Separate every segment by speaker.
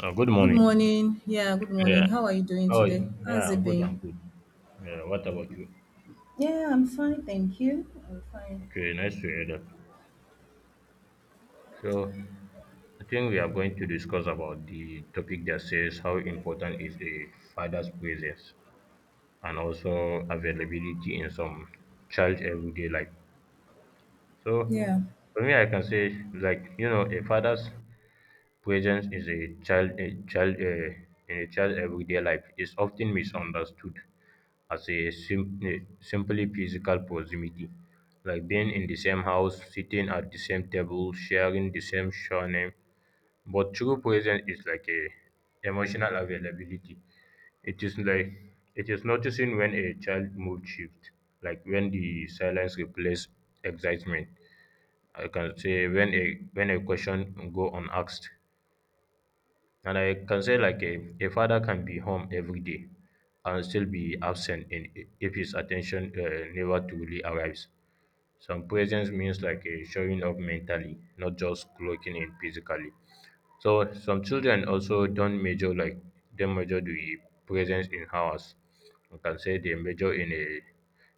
Speaker 1: Good
Speaker 2: Good
Speaker 1: morning.
Speaker 2: morning.
Speaker 1: Yeah.
Speaker 2: How are you doing
Speaker 1: Oh,
Speaker 2: today? How's
Speaker 1: yeah.
Speaker 2: it
Speaker 1: I'm good. I'm
Speaker 2: been?
Speaker 1: good. Yeah. What about you?
Speaker 2: Yeah, I'm fine, thank you. I'm fine.
Speaker 1: Okay. Nice to hear that. So, I think we are going to discuss about the topic that says how important is a father's presence and also availability in some child everyday life. So,
Speaker 2: Yeah.
Speaker 1: for me, I can say like you know a father's Presence is a child in a child's everyday life is often misunderstood as a simply physical proximity, like being in the same house, sitting at the same table, sharing the same surname. But true presence is like a emotional availability. It is like it is noticing when a child mood shift, like when the silence replaces excitement. I can say when a question go unasked, and I can say like a father can be home every day and still be absent, if his attention never truly arrives. Some presence means like a showing up mentally, not just clocking in physically. So some children also don't measure like they measure the presence in hours. I can say they measure in a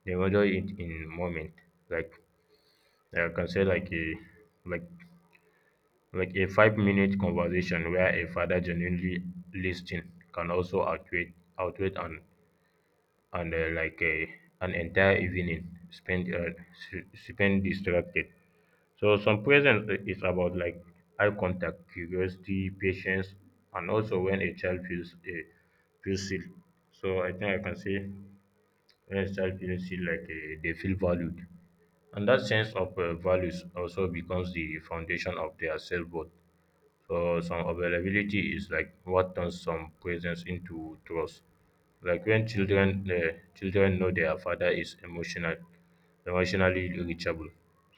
Speaker 1: they measure it in moment. Like I can say like a like like a 5 minute conversation where a father genuinely listening can also outweigh an and like a, an entire evening spent spent distracted. So some presence is about like eye contact, curiosity, patience, and also when a child feels seen. So I think I can say when a child feels seen, like they feel valued, and that sense of values also becomes the foundation of their self-worth. So some availability is like what turns some presence into trust. Like when children know their father is emotionally reachable.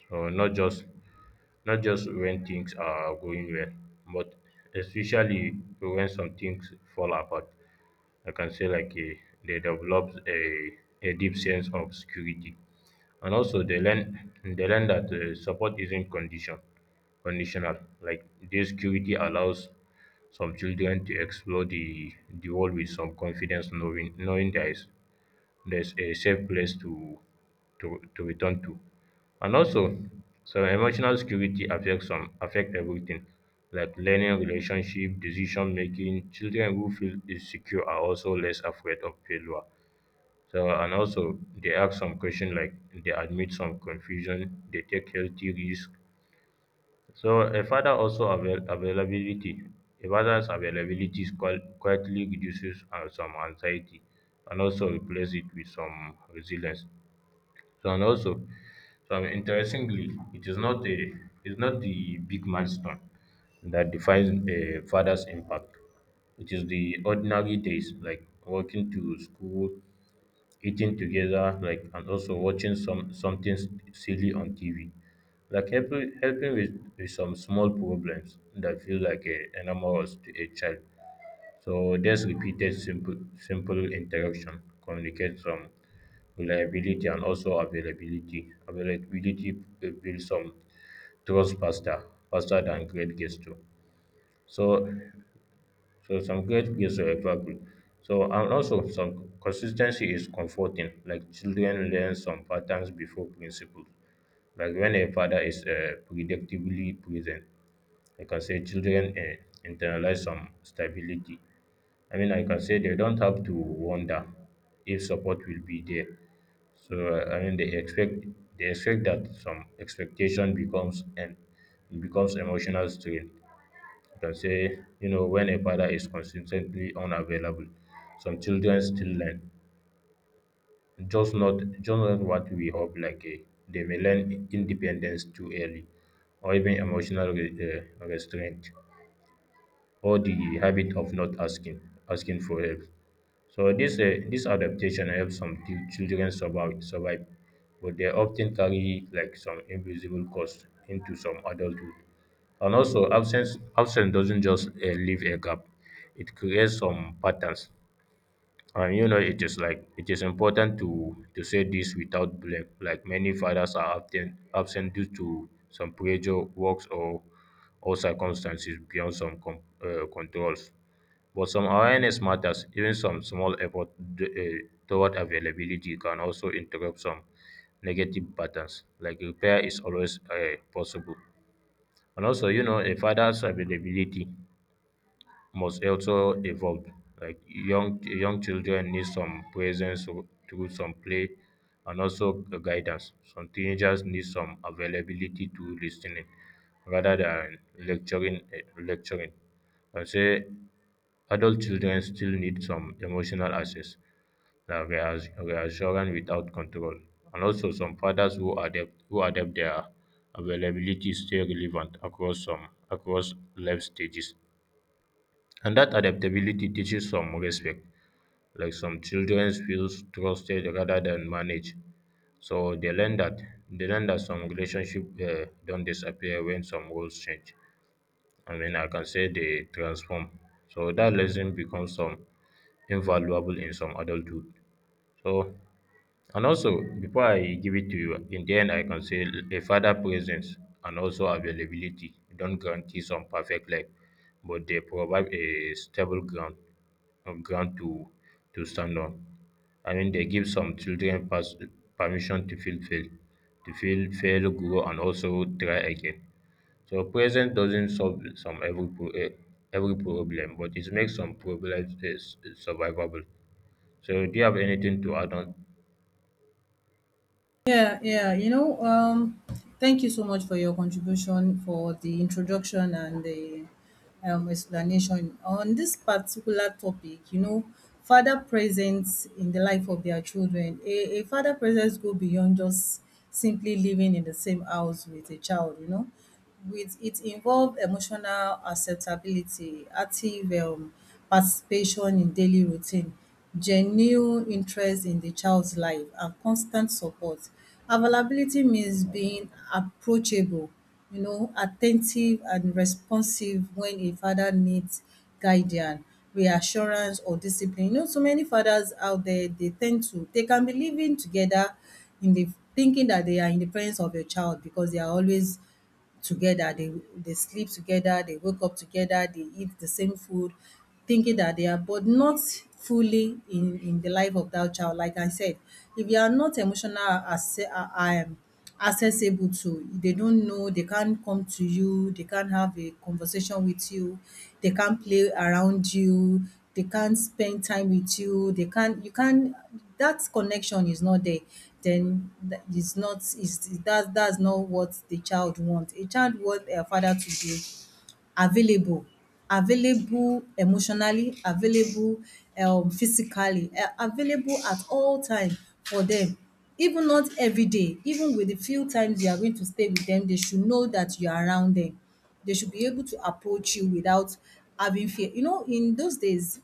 Speaker 1: So not just when things are going well, but especially when some things fall apart. I can say like they develop a deep sense of security. And also they learn. They learn that support isn't conditional. Like this security allows some children to explore the world with some confidence, knowing there's a safe place to return to. And also, some emotional security affects some affect everything, like learning, relationship, decision making. Children who feel insecure are also less afraid of failure. So and also they ask some question, like they admit some confusion, they take healthy risk. So a father also availability. A father's availability is quietly reduces some anxiety and also replaces it with some resilience. So and also, so interestingly, it's not the big milestone that defines a father's impact. It is the ordinary days, like walking to school, eating together, like and also watching some silly on TV, like helping with some small problems that feel like a enormous to a child. So there's repeated simple interaction communicates some reliability, and also availability build some trust faster than great gesture. So so some great gifts are verbal. So and also some consistency is comforting. Like children learn some patterns before principles. Like when a father is predictably present, I can say children internalize some stability. I mean, I can say they don't have to wonder if support will be there. So I mean, they expect that some expectation becomes emotional strain. I can say, you know, when a father is consistently unavailable, some children still learn. Just not what we hope, like they may learn independence too early, or even emotional restraint, or the habit of not asking asking for help. So this adaptation helps some children survive, but they often carry like some invisible cost into some adulthood. And also, absence doesn't just leave a gap; it creates some patterns. And you know, it is like it is important to say this without blame. Like many fathers are often absent due to some pressure, works, or circumstances beyond some controls. But some awareness matters. Even some small effort d- uh, toward availability can also interrupt some negative patterns. Like repair is always possible. And also, you know, a father's availability must also evolve. Like young children need some presence through some play and also guidance. Some teenagers need some availability to listening rather than lecturing. I say adult children still need some emotional access, that reassurance without control. And also, some fathers who adapt their availability stay relevant across life stages. And that adaptability teaches some respect. Like some children feel trusted rather than managed. So they learn that some relationship don't disappear when some roles change. I mean, I can say they transform. So that lesson becomes some invaluable in some adulthood. So and also, before I give it to you, in the end, I can say a father presence and also availability don't guarantee some perfect life, but they provide a stable ground, a ground to stand on. I mean, they give some children pass, permission to feel fail, grow, and also try again. So presence doesn't solve some every problem, but it makes some problems survivable. So, do you have anything to add on?
Speaker 2: Yeah, yeah. Thank you so much for your contribution for the introduction and the explanation on this particular topic. You know, father presence in the life of their children. A father presence go beyond just simply living in the same house with a child. You know, with it involve emotional acceptability, active participation in daily routine, genuine interest in the child's life, and constant support. Availability means being approachable, you know, attentive and responsive when a father needs guidance, reassurance, or discipline. You know, so many fathers out there, they tend to, they can be living together in the thinking that they are in the presence of a child because they are always together. They sleep together, they wake up together, they eat the same food, thinking that they are, but not fully in the life of that child. Like I said, if you are not emotional as accessible to, they don't know, they can't come to you, they can't have a conversation with you. They can't play around you, they can't spend time with you, they can't, you can't, that connection is not there. Then th- it's not it's, that that's not what the child want. A child want a father to be available, available emotionally, available physically, available at all time for them. Even not every day, even with the few times you are going to stay with them, they should know that you are around them. They should be able to approach you without having fear. You know, in those days,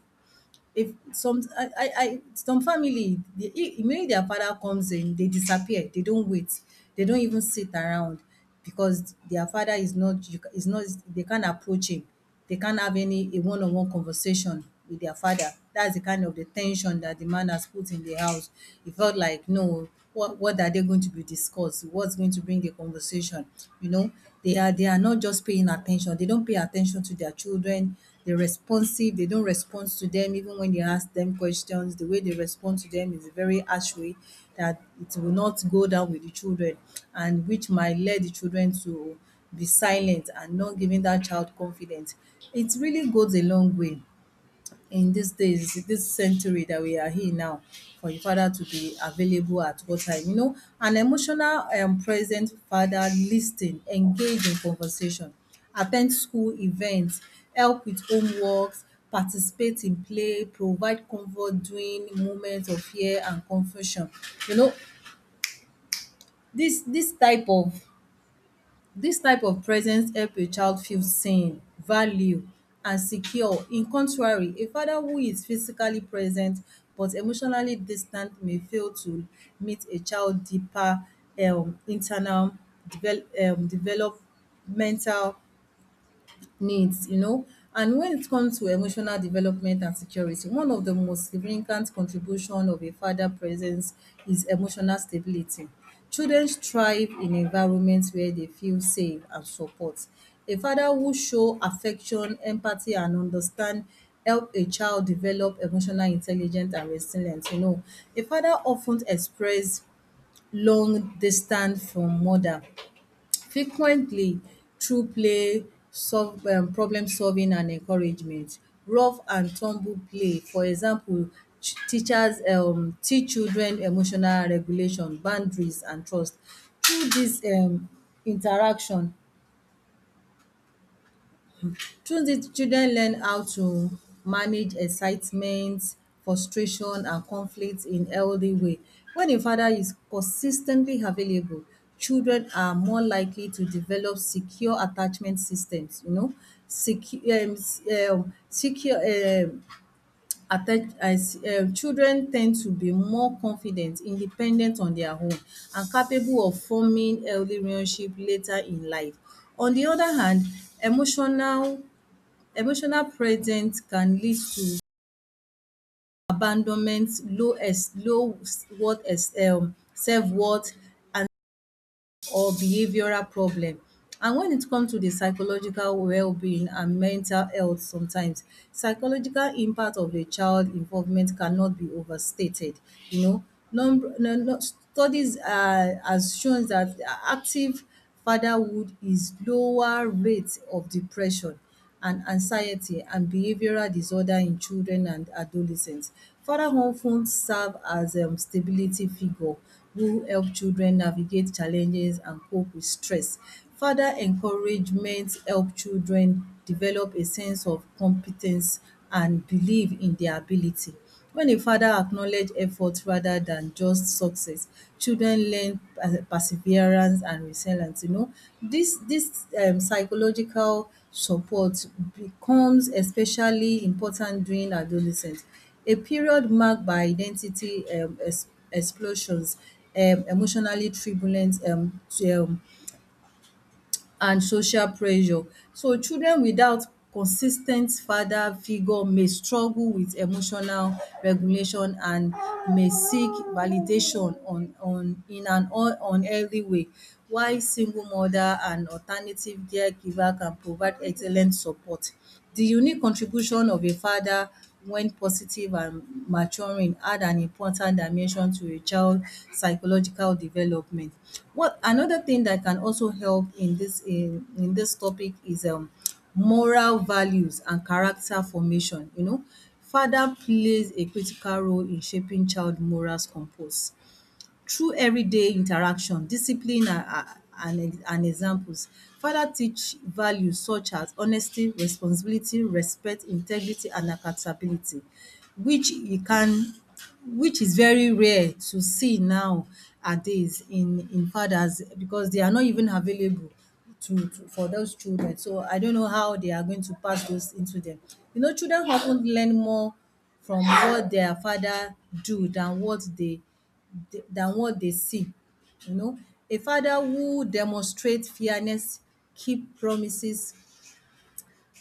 Speaker 2: if some I some family, the immediately their father comes in, they disappear, they don't wait, they don't even sit around, because their father is not, is not, they can't approach him, they can't have any a one-on-one conversation with their father. That's the kind of the tension that the man has put in the house. It felt like, no, what are they going to be discussed, what's going to bring the conversation, you know. They are not just paying attention, they don't pay attention to their children. They're responsive, they don't respond to them. Even when you ask them questions, the way they respond to them is a very harsh way that it will not go down with the children, and which might lead the children to be silent and not giving that child confidence. It really goes a long way in these days, this century that we are in now, for your father to be available at all time. You know, an emotional present father listening, engage in conversation, attend school events, help with homeworks, participate in play, provide comfort during moments of fear and confusion. You know, this this type of this type of presence help a child feel seen, valued, and secure. In contrary, a father who is physically present but emotionally distant may fail to meet a child deeper internal developmental needs, you know. And when it comes to emotional development and security, one of the most significant contribution of a father presence is emotional stability. Children thrive in environments where they feel safe and support. A father who show affection, empathy and understand help a child develop emotional intelligence and resilience, you know. A father often express long distance from mother frequently through play, solve problem solving and encouragement. Rough and tumble play, for example, teach children emotional regulation, boundaries and trust. Through dis interaction Through this, children learn how to manage excitement, frustration and conflict in healthy way. When a father is consistently available, children are more likely to develop secure attachment systems, you know, secure s- secure attach as children tend to be more confident, independent on their own, and capable of forming healthy relationship later in life. On the other hand, emotional emotional presence can lead to abandonment, low ex low worth ex self-worth and or behavioral problem. And when it comes to the psychological well-being and mental health sometimes, psychological impact of a child involvement cannot be overstated. You know, number no, no, studies are has shown that active fatherhood is lower rate of depression and anxiety and behavioral disorder in children and adolescents. Father of ten serve as stability figure who help children navigate challenges and cope with stress. Father encouragement help children develop a sense of competence and believe in their ability. When a father acknowledge effort rather than just success, children learn perseverance and resilience. You know, this psychological support becomes especially important during adolescence, a period marked by identity explosions, emotionally turbulent and social pressure. So children without consis ten t father figure may struggle with emotional regulation and may seek validation on in an un unhealthy way, while single mother and alternative caregiver can provide excellent support. The unique contribution of a father, when positive and maturing, add an important dimension to a child's psychological development. What another thing that can also help in this topic is moral values and character formation, you know. Father plays a critical role in shaping child morals compose through everyday interaction, discipline and examples, father teach values such as honesty, responsibility, respect, integrity and accountability, which you can, which is very rare to see nowadays in fathers because they are not even available to for those children. So I don't know how they are going to pass those into them. You know, children often learn more from what their father do than what they than what they see. You know, a father who demonstrates fairness, keep promises,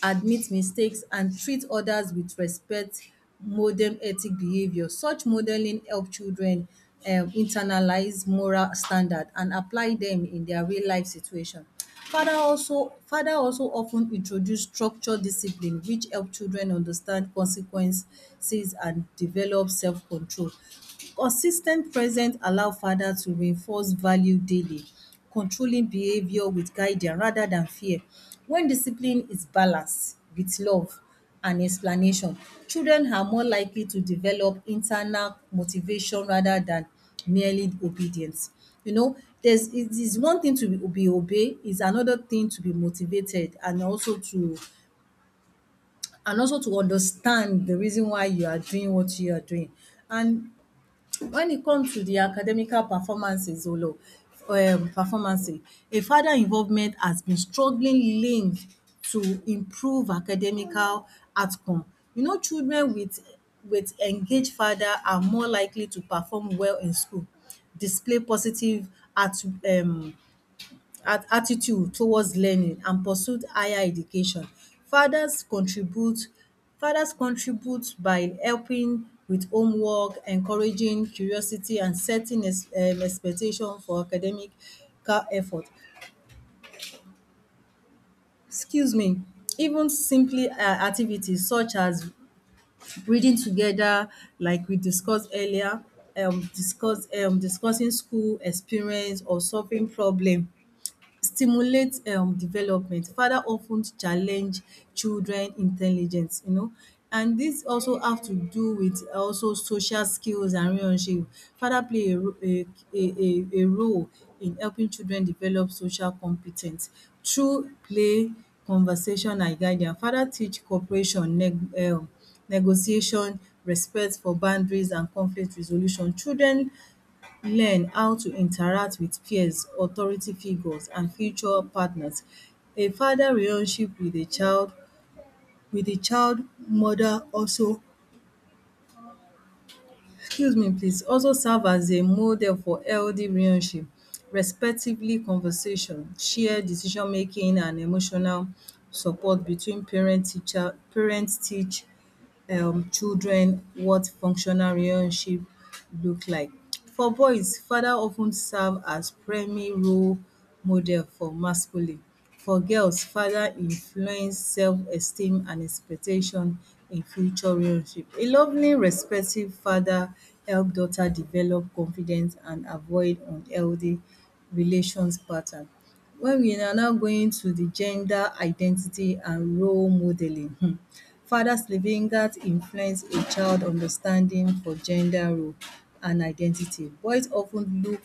Speaker 2: admit mistakes, and treat others with respect model ethic behavior. Such modeling help children internalize moral standard and apply them in their real life situation. Father also often introduce structure discipline which help children understand consequences and develop self-control. Consistent presence allow father to reinforce value daily, controlling behavior with guidance rather than fear. When discipline is balanced with love and explanation, children are more likely to develop internal motivation rather than merely obedience. You know, there's, it is one thing to be obey is another thing to be motivated, and also to, understand the reason why you are doing what you are doing. And when it comes to the academical performances Olo, um performancing, a father involvement has been strongly linked to improve academical outcome. You know, children with engaged father are more likely to perform well in school, display positive at um at attitude towards learning and pursued higher education. Fathers contribute Fathers contribute by helping with homework, encouraging curiosity and setting ex expectation for academical effort. Excuse me. Even simply activities such as reading together, like we discussed earlier, discussing school experience or solving problem stimulate development. Father of ten challenge children intelligence, you know. And dis also have to do with also social skills and relationship. Father play a ro- a role in helping children develop social compe ten ce through play, conversation and guidance. Father teach cooperation, negotiation, respect for boundaries and conflict resolution. Children learn how to interact with peers, authority figures and future partners. A father relationship with a child, with the child mother also, excuse me please, also serve as a model for healthy relationship. Respectively conversation, share decision making and emotional support between parent teach children what functional relationship look like. For boys, father of ten serve as primary role model for masculine. For girls, father influence self-esteem and expectation in future relationship. A lovely respective father help daughter develop confidence and avoid unhealthy relations pattern. When we are now going to the gender identity and role modelling, Father Slavinger's influence a child's understanding for gender role and identity. Boys often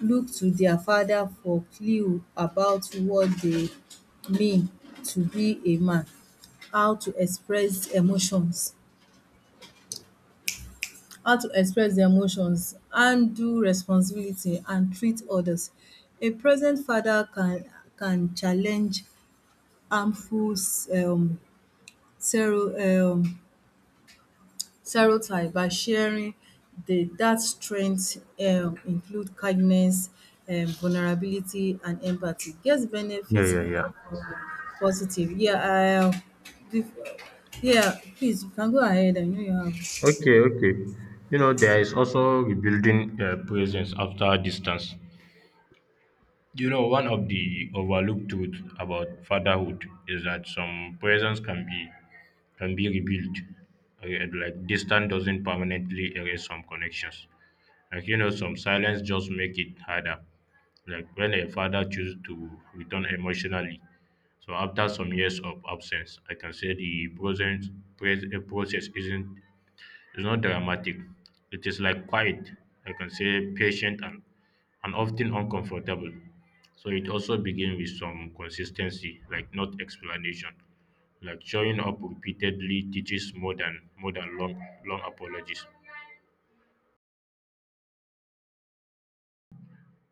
Speaker 2: look to their father for clue about what they mean to be a man, how to express emotions how to express their emotions, handle responsibility and treat others. A present father can challenge harmful um stero- um stereotype by sharing the that strengths include kindness, vulnerability and empathy. Guest
Speaker 1: Yeah,
Speaker 2: benefits
Speaker 1: yeah, yeah.
Speaker 2: um positive. Bef- yeah, please, you can go ahead. I know you have.
Speaker 1: Okay, okay. You know, there is also rebuilding presence after distance. You know, one of the overlooked truth about fatherhood is that some presence can be rebuilt. Like distance doesn't permanently erase some connections. Like you know, some silence just make it harder. Like when a father chooses to return emotionally, so after some years of absence, I can say the process isn't it's not dramatic. It is like quiet, I can say patient and often uncomfortable. So it also begins with some consistency, like not explanation. Like showing up repeatedly teaches more than long apologies.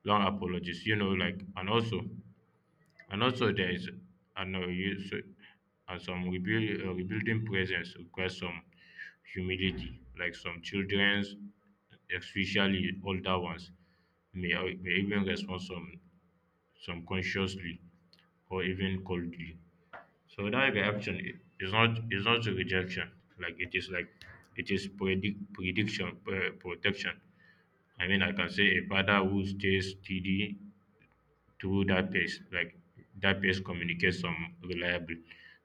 Speaker 1: Long apologies, you know, like and also. And also, there is, I know you, so, some rebuilding presence requires some humility, like some children's, especially older ones, may even respond some consciously or even coldly. So that is not a rejection, like it is prediction protection. I mean, I can say a father who stays steady through that page, like that page communicates some reliably.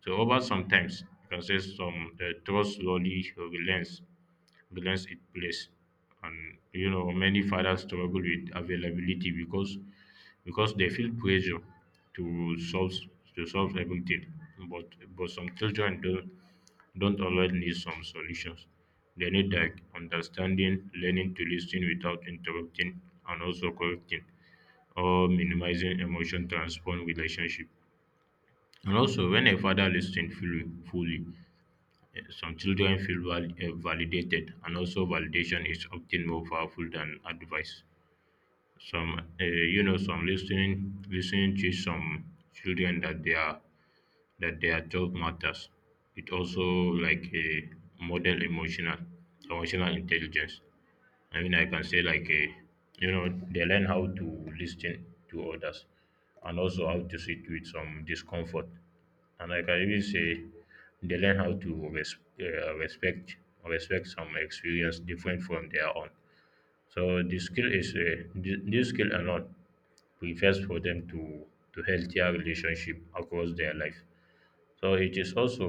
Speaker 1: So over some times, you can say some trust slowly relents, balance it plays. And you know many fathers struggle with availability because they feel pressure to solve to solve everything, but some children don't always need some solutions. They need like understanding, learning to listen without interrupting and also correcting or minimizing emotion transform relationship. And also when a father listens fully, some children feel validated, and also validation is often more powerful than advice. Some, you know, some listening, listening to some children that they are that their talk matters. It also like a model emotional intelligence. I mean, I can say like you know, they learn how to listen to others, and also how to sit with some discomfort. And I can even say they learn how to respect, respect some experience different from their own. So the skill is this skill alone prepares for them to healthier relationship across their life. So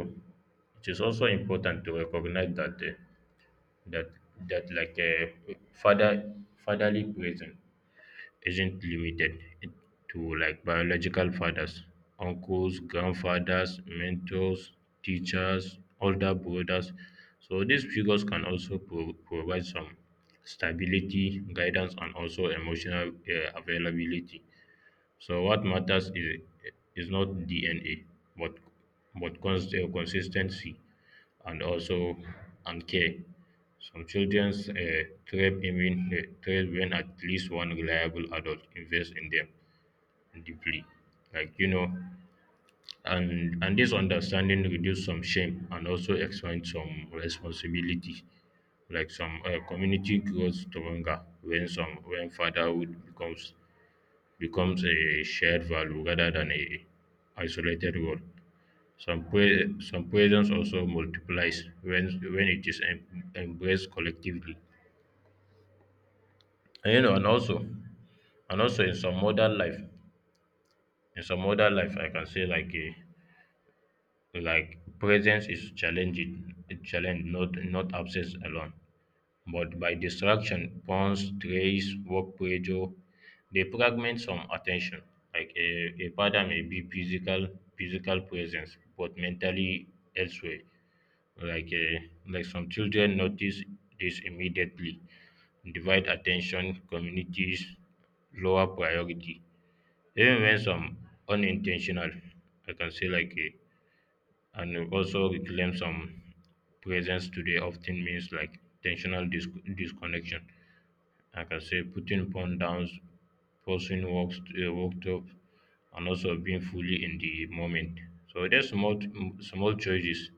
Speaker 1: it is also important to recognize that that that like a father fatherly presence isn't limited to like biological fathers, uncles, grandfathers, mentors, teachers, older brothers. So these figures can also provide some stability, guidance, and also emotional availability. So what matters is not DNA, but consistency and also and care. Some childrens thrive when at least one reliable adult invests in them deeply, like you know. And this understanding reduce some shame and also expand some responsibility, like some community grows stronger when some when fatherhood becomes a shared value rather than a isolated role. Some, some presence also multiplies when it is embraced collectively. And you know, and also in some modern life, I can say like like presence is challenging, a challenge, not absence alone. But by distraction, phones, trays, work pressure, they fragment some attention. Like a father may be physical presence, but mentally elsewhere. Like like some children notice this immediately, divide attention, communities, lower priority. Even when some unintentional, I can say like and also reclaim some presence today often means like intentional disconnection, like I can say putting phone down, pausing walks, walked up, and also being fully in the moment. So there's small choices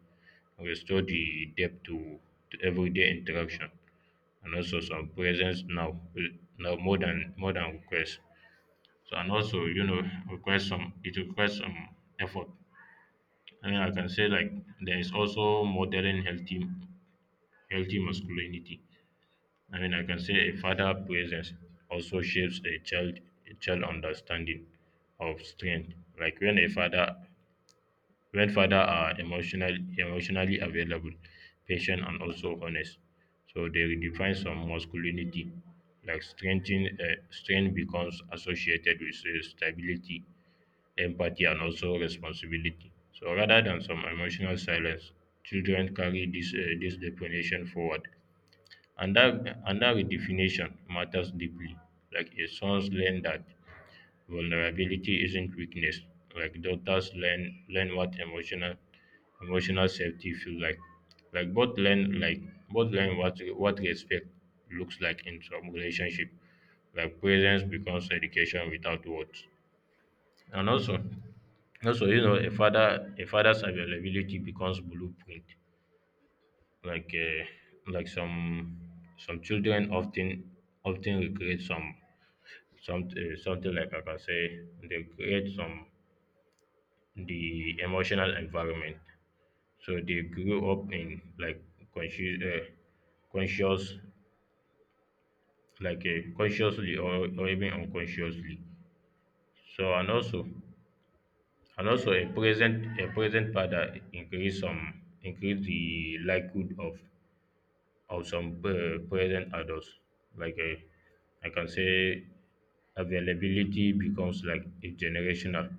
Speaker 1: restore the depth to everyday interaction, and also some presence now uh, now more than request. So and also you know request some it requires some effort. I mean, I can say like there is also modeling healthy masculinity. I mean, I can say a father presence also shapes a child understanding of strength. Like when a father are emotionally available, patient and also honest, so they redefine some masculinity. Like strength becomes associated with stability, empathy, and also responsibility. So rather than some emotional silence, children carry this definition forward, and that redefinition matters deeply. Like a sons learn that vulnerability isn't weakness. Like daughters learn what emotional safety feels like. Like both learn what respect looks like in some relationship. Like presence becomes education without words. And also also you know a father's availability becomes blueprint, like uh, like some children often recreate some something like I can say they create some the emotional environment. So they grew up in like conscious uh, conscious, like consciously or even unconsciously. So and also a present father increase the likelihood of some present adults, like I can say availability becomes like a generational.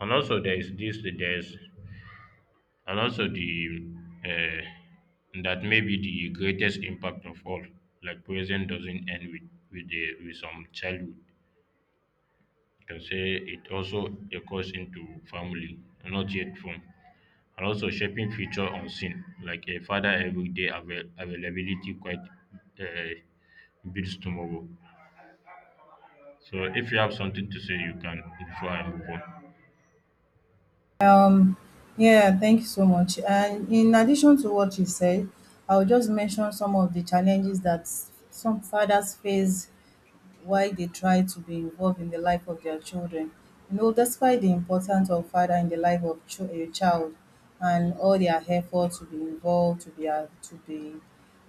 Speaker 1: And also there is this there's and also the uh, that may be the greatest impact of all. Like present doesn't end with, the, with some childhood, can say it also echoes into family not yet formed, and also shaping future unseen, like a father everyday availability quite uh, builds tomorrow. So if you have something to say you can before I move on.
Speaker 2: Um, yeah, thank you so much. And in addition to what you said, I'll just mention some of the challenges that some fathers face why they try to be involved in the life of their children. You know, despite the importance of father in the life of a child and all their efforts to be involved, to be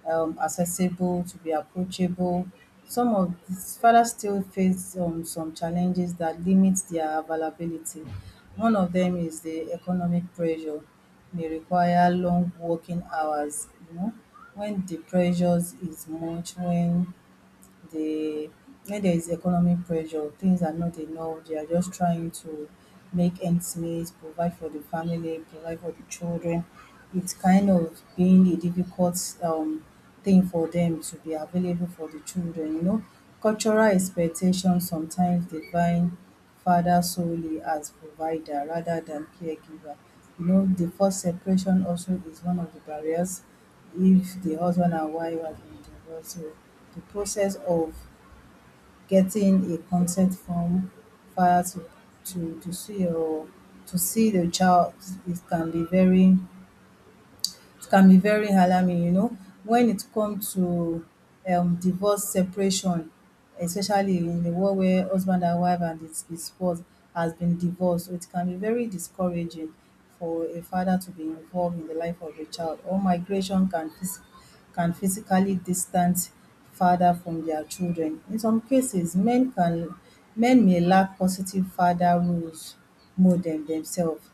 Speaker 2: accessible, to be approachable, some of these fathers still face some challenges that limit their availability. One of them is the economic pressure. They require long working hours, you know, when the pressures is much, the when there is economic pressure, things are not enough, they are just trying to make ends meet, provide for the family, provide for the children. It's kind of being a difficult um, thing for them to be available for the children, you know. Cultural expectations sometimes define father solely as provider rather than caregiver. You know, the forced separation also is one of the barriers if the husband and wife are so. The process of getting a consent form filed to see your to see the child, it can be very, it can be very alarming, you know. When it comes to divorce, separation, especially in the world where husband and wife and his spouse has been divorced, so it can be very discouraging for a father to be involved in the life of a child, or migration can can physically distance father from their children. In some cases, men may lack positive father roles, model themselves,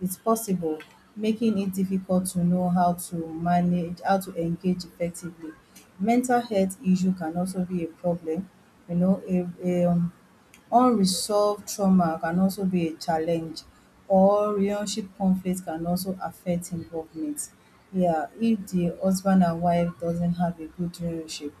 Speaker 2: it's possible, making it difficult to know how to manage, how to engage effectively. Mental health issue can also be a problem, you know, a unresolved trauma can also be a challenge, or relationship conflict can also affect involvement. Yeah, if the husband and wife doesn't have a good relationship,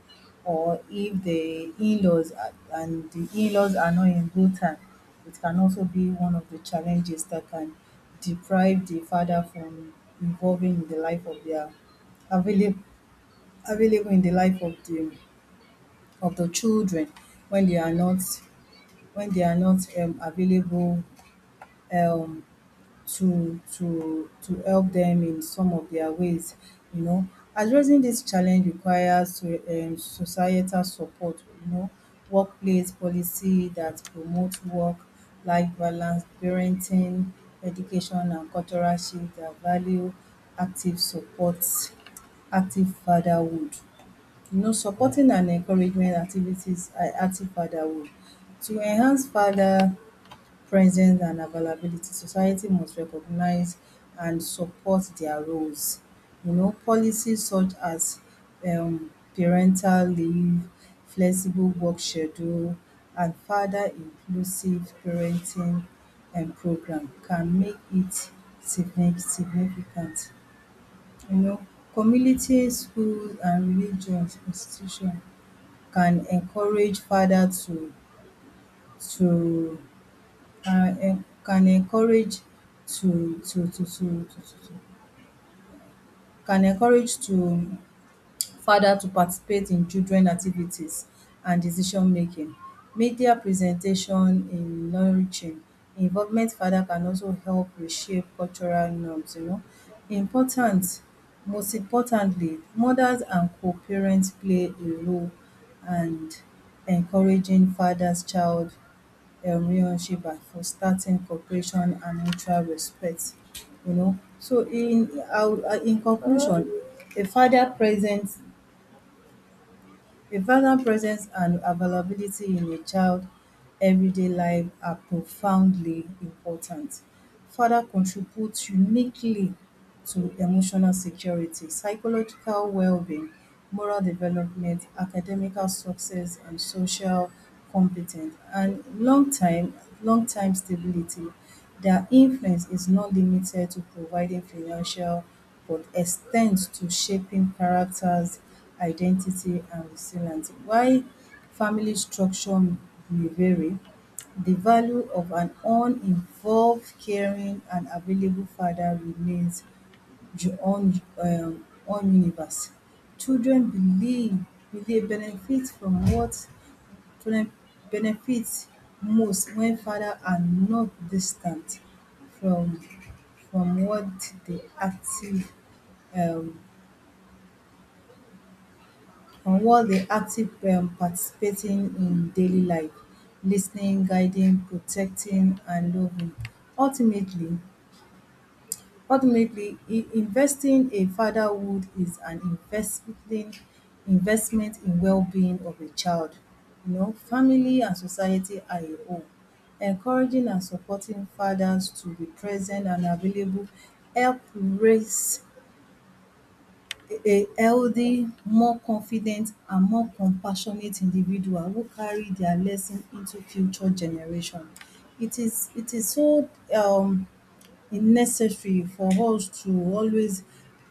Speaker 2: or if the in-laws are not in good time, it can also be one of the challenges that can deprive the father from involving in the life of their available available in the life of the children when they are not, when they are not available um, to help them in some of their ways, you know. Addressing this challenge requires so societal support, you know, workplace policy that promote work life balance, parenting education and cultural shift that value active support, active fatherhood, you know, supporting and encouragement activities, active fatherhood to enhance father presence and availability. Society must recognize and support their roles. You know, policies such as parental leave, flexible work schedule and further inclusive parenting program can make it significant. You know, community, schools and religious institution can encourage father to can encourage to can encourage to father to participate in children activities and decision making. Media presentation in nurturing involvement father can also help reshape cultural norms, you know. Important Most importantly, mothers and co-parents play a role and encouraging fathers child Yomi Oshiba for starting cooperation and mutual respect. You know, so in conclusion, a father presence, a father presence and availability in a child everyday life are profoundly important. Father contributes uniquely to emotional security, psychological well-being, moral development, academical success and social competence, and long time stability. Their influence is not limited to providing financial but extends to shaping characters, identity and resilience. While family structure may vary, the value of an uninvolved, caring and available father remains your own own universe. Children believe will dey benefit from what children benefit most when father are not distant from from what they active um from what they active participating in daily life. Lis ten ing, guiding, protecting and loving. Ultimately, Ultimately, investing in fatherhood is an investing investment in well-being of a child. You know, family and society are a whole. Encouraging and supporting fathers to be present and available help raise a healthy, more confident and more compassionate individual who carry their lesson into future generation. It is so um necessary for us to always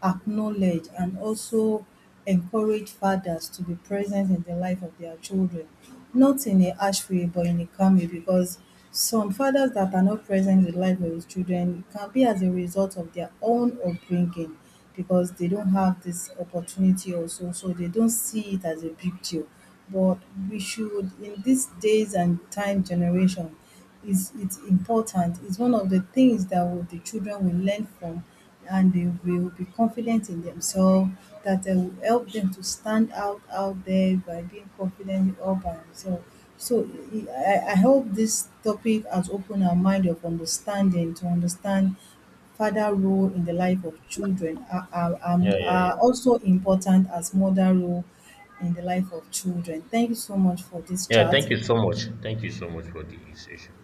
Speaker 2: acknowledge and also encourage fathers to be present in the life of their children, not in a harsh way, but in a calm way, because some fathers that are not present in the life of his children can be as a result of their own upbringing, because they don't have this opportunity also, so they don't see it as a big deal. But we should, in these days and time generation, is it's important. It's one of the things that will, the children will learn from, and they will be confident in themselves that will help them to stand out there by being confident all by themselves. So I hope this topic has opened our mind of understanding to understand father role in the life of children are,
Speaker 1: Yeah, yeah,
Speaker 2: are
Speaker 1: yeah.
Speaker 2: also important as mother role in the life of children. Thank you so much for this
Speaker 1: Yeah,
Speaker 2: chat.
Speaker 1: thank you so much. Thank you so much for the session.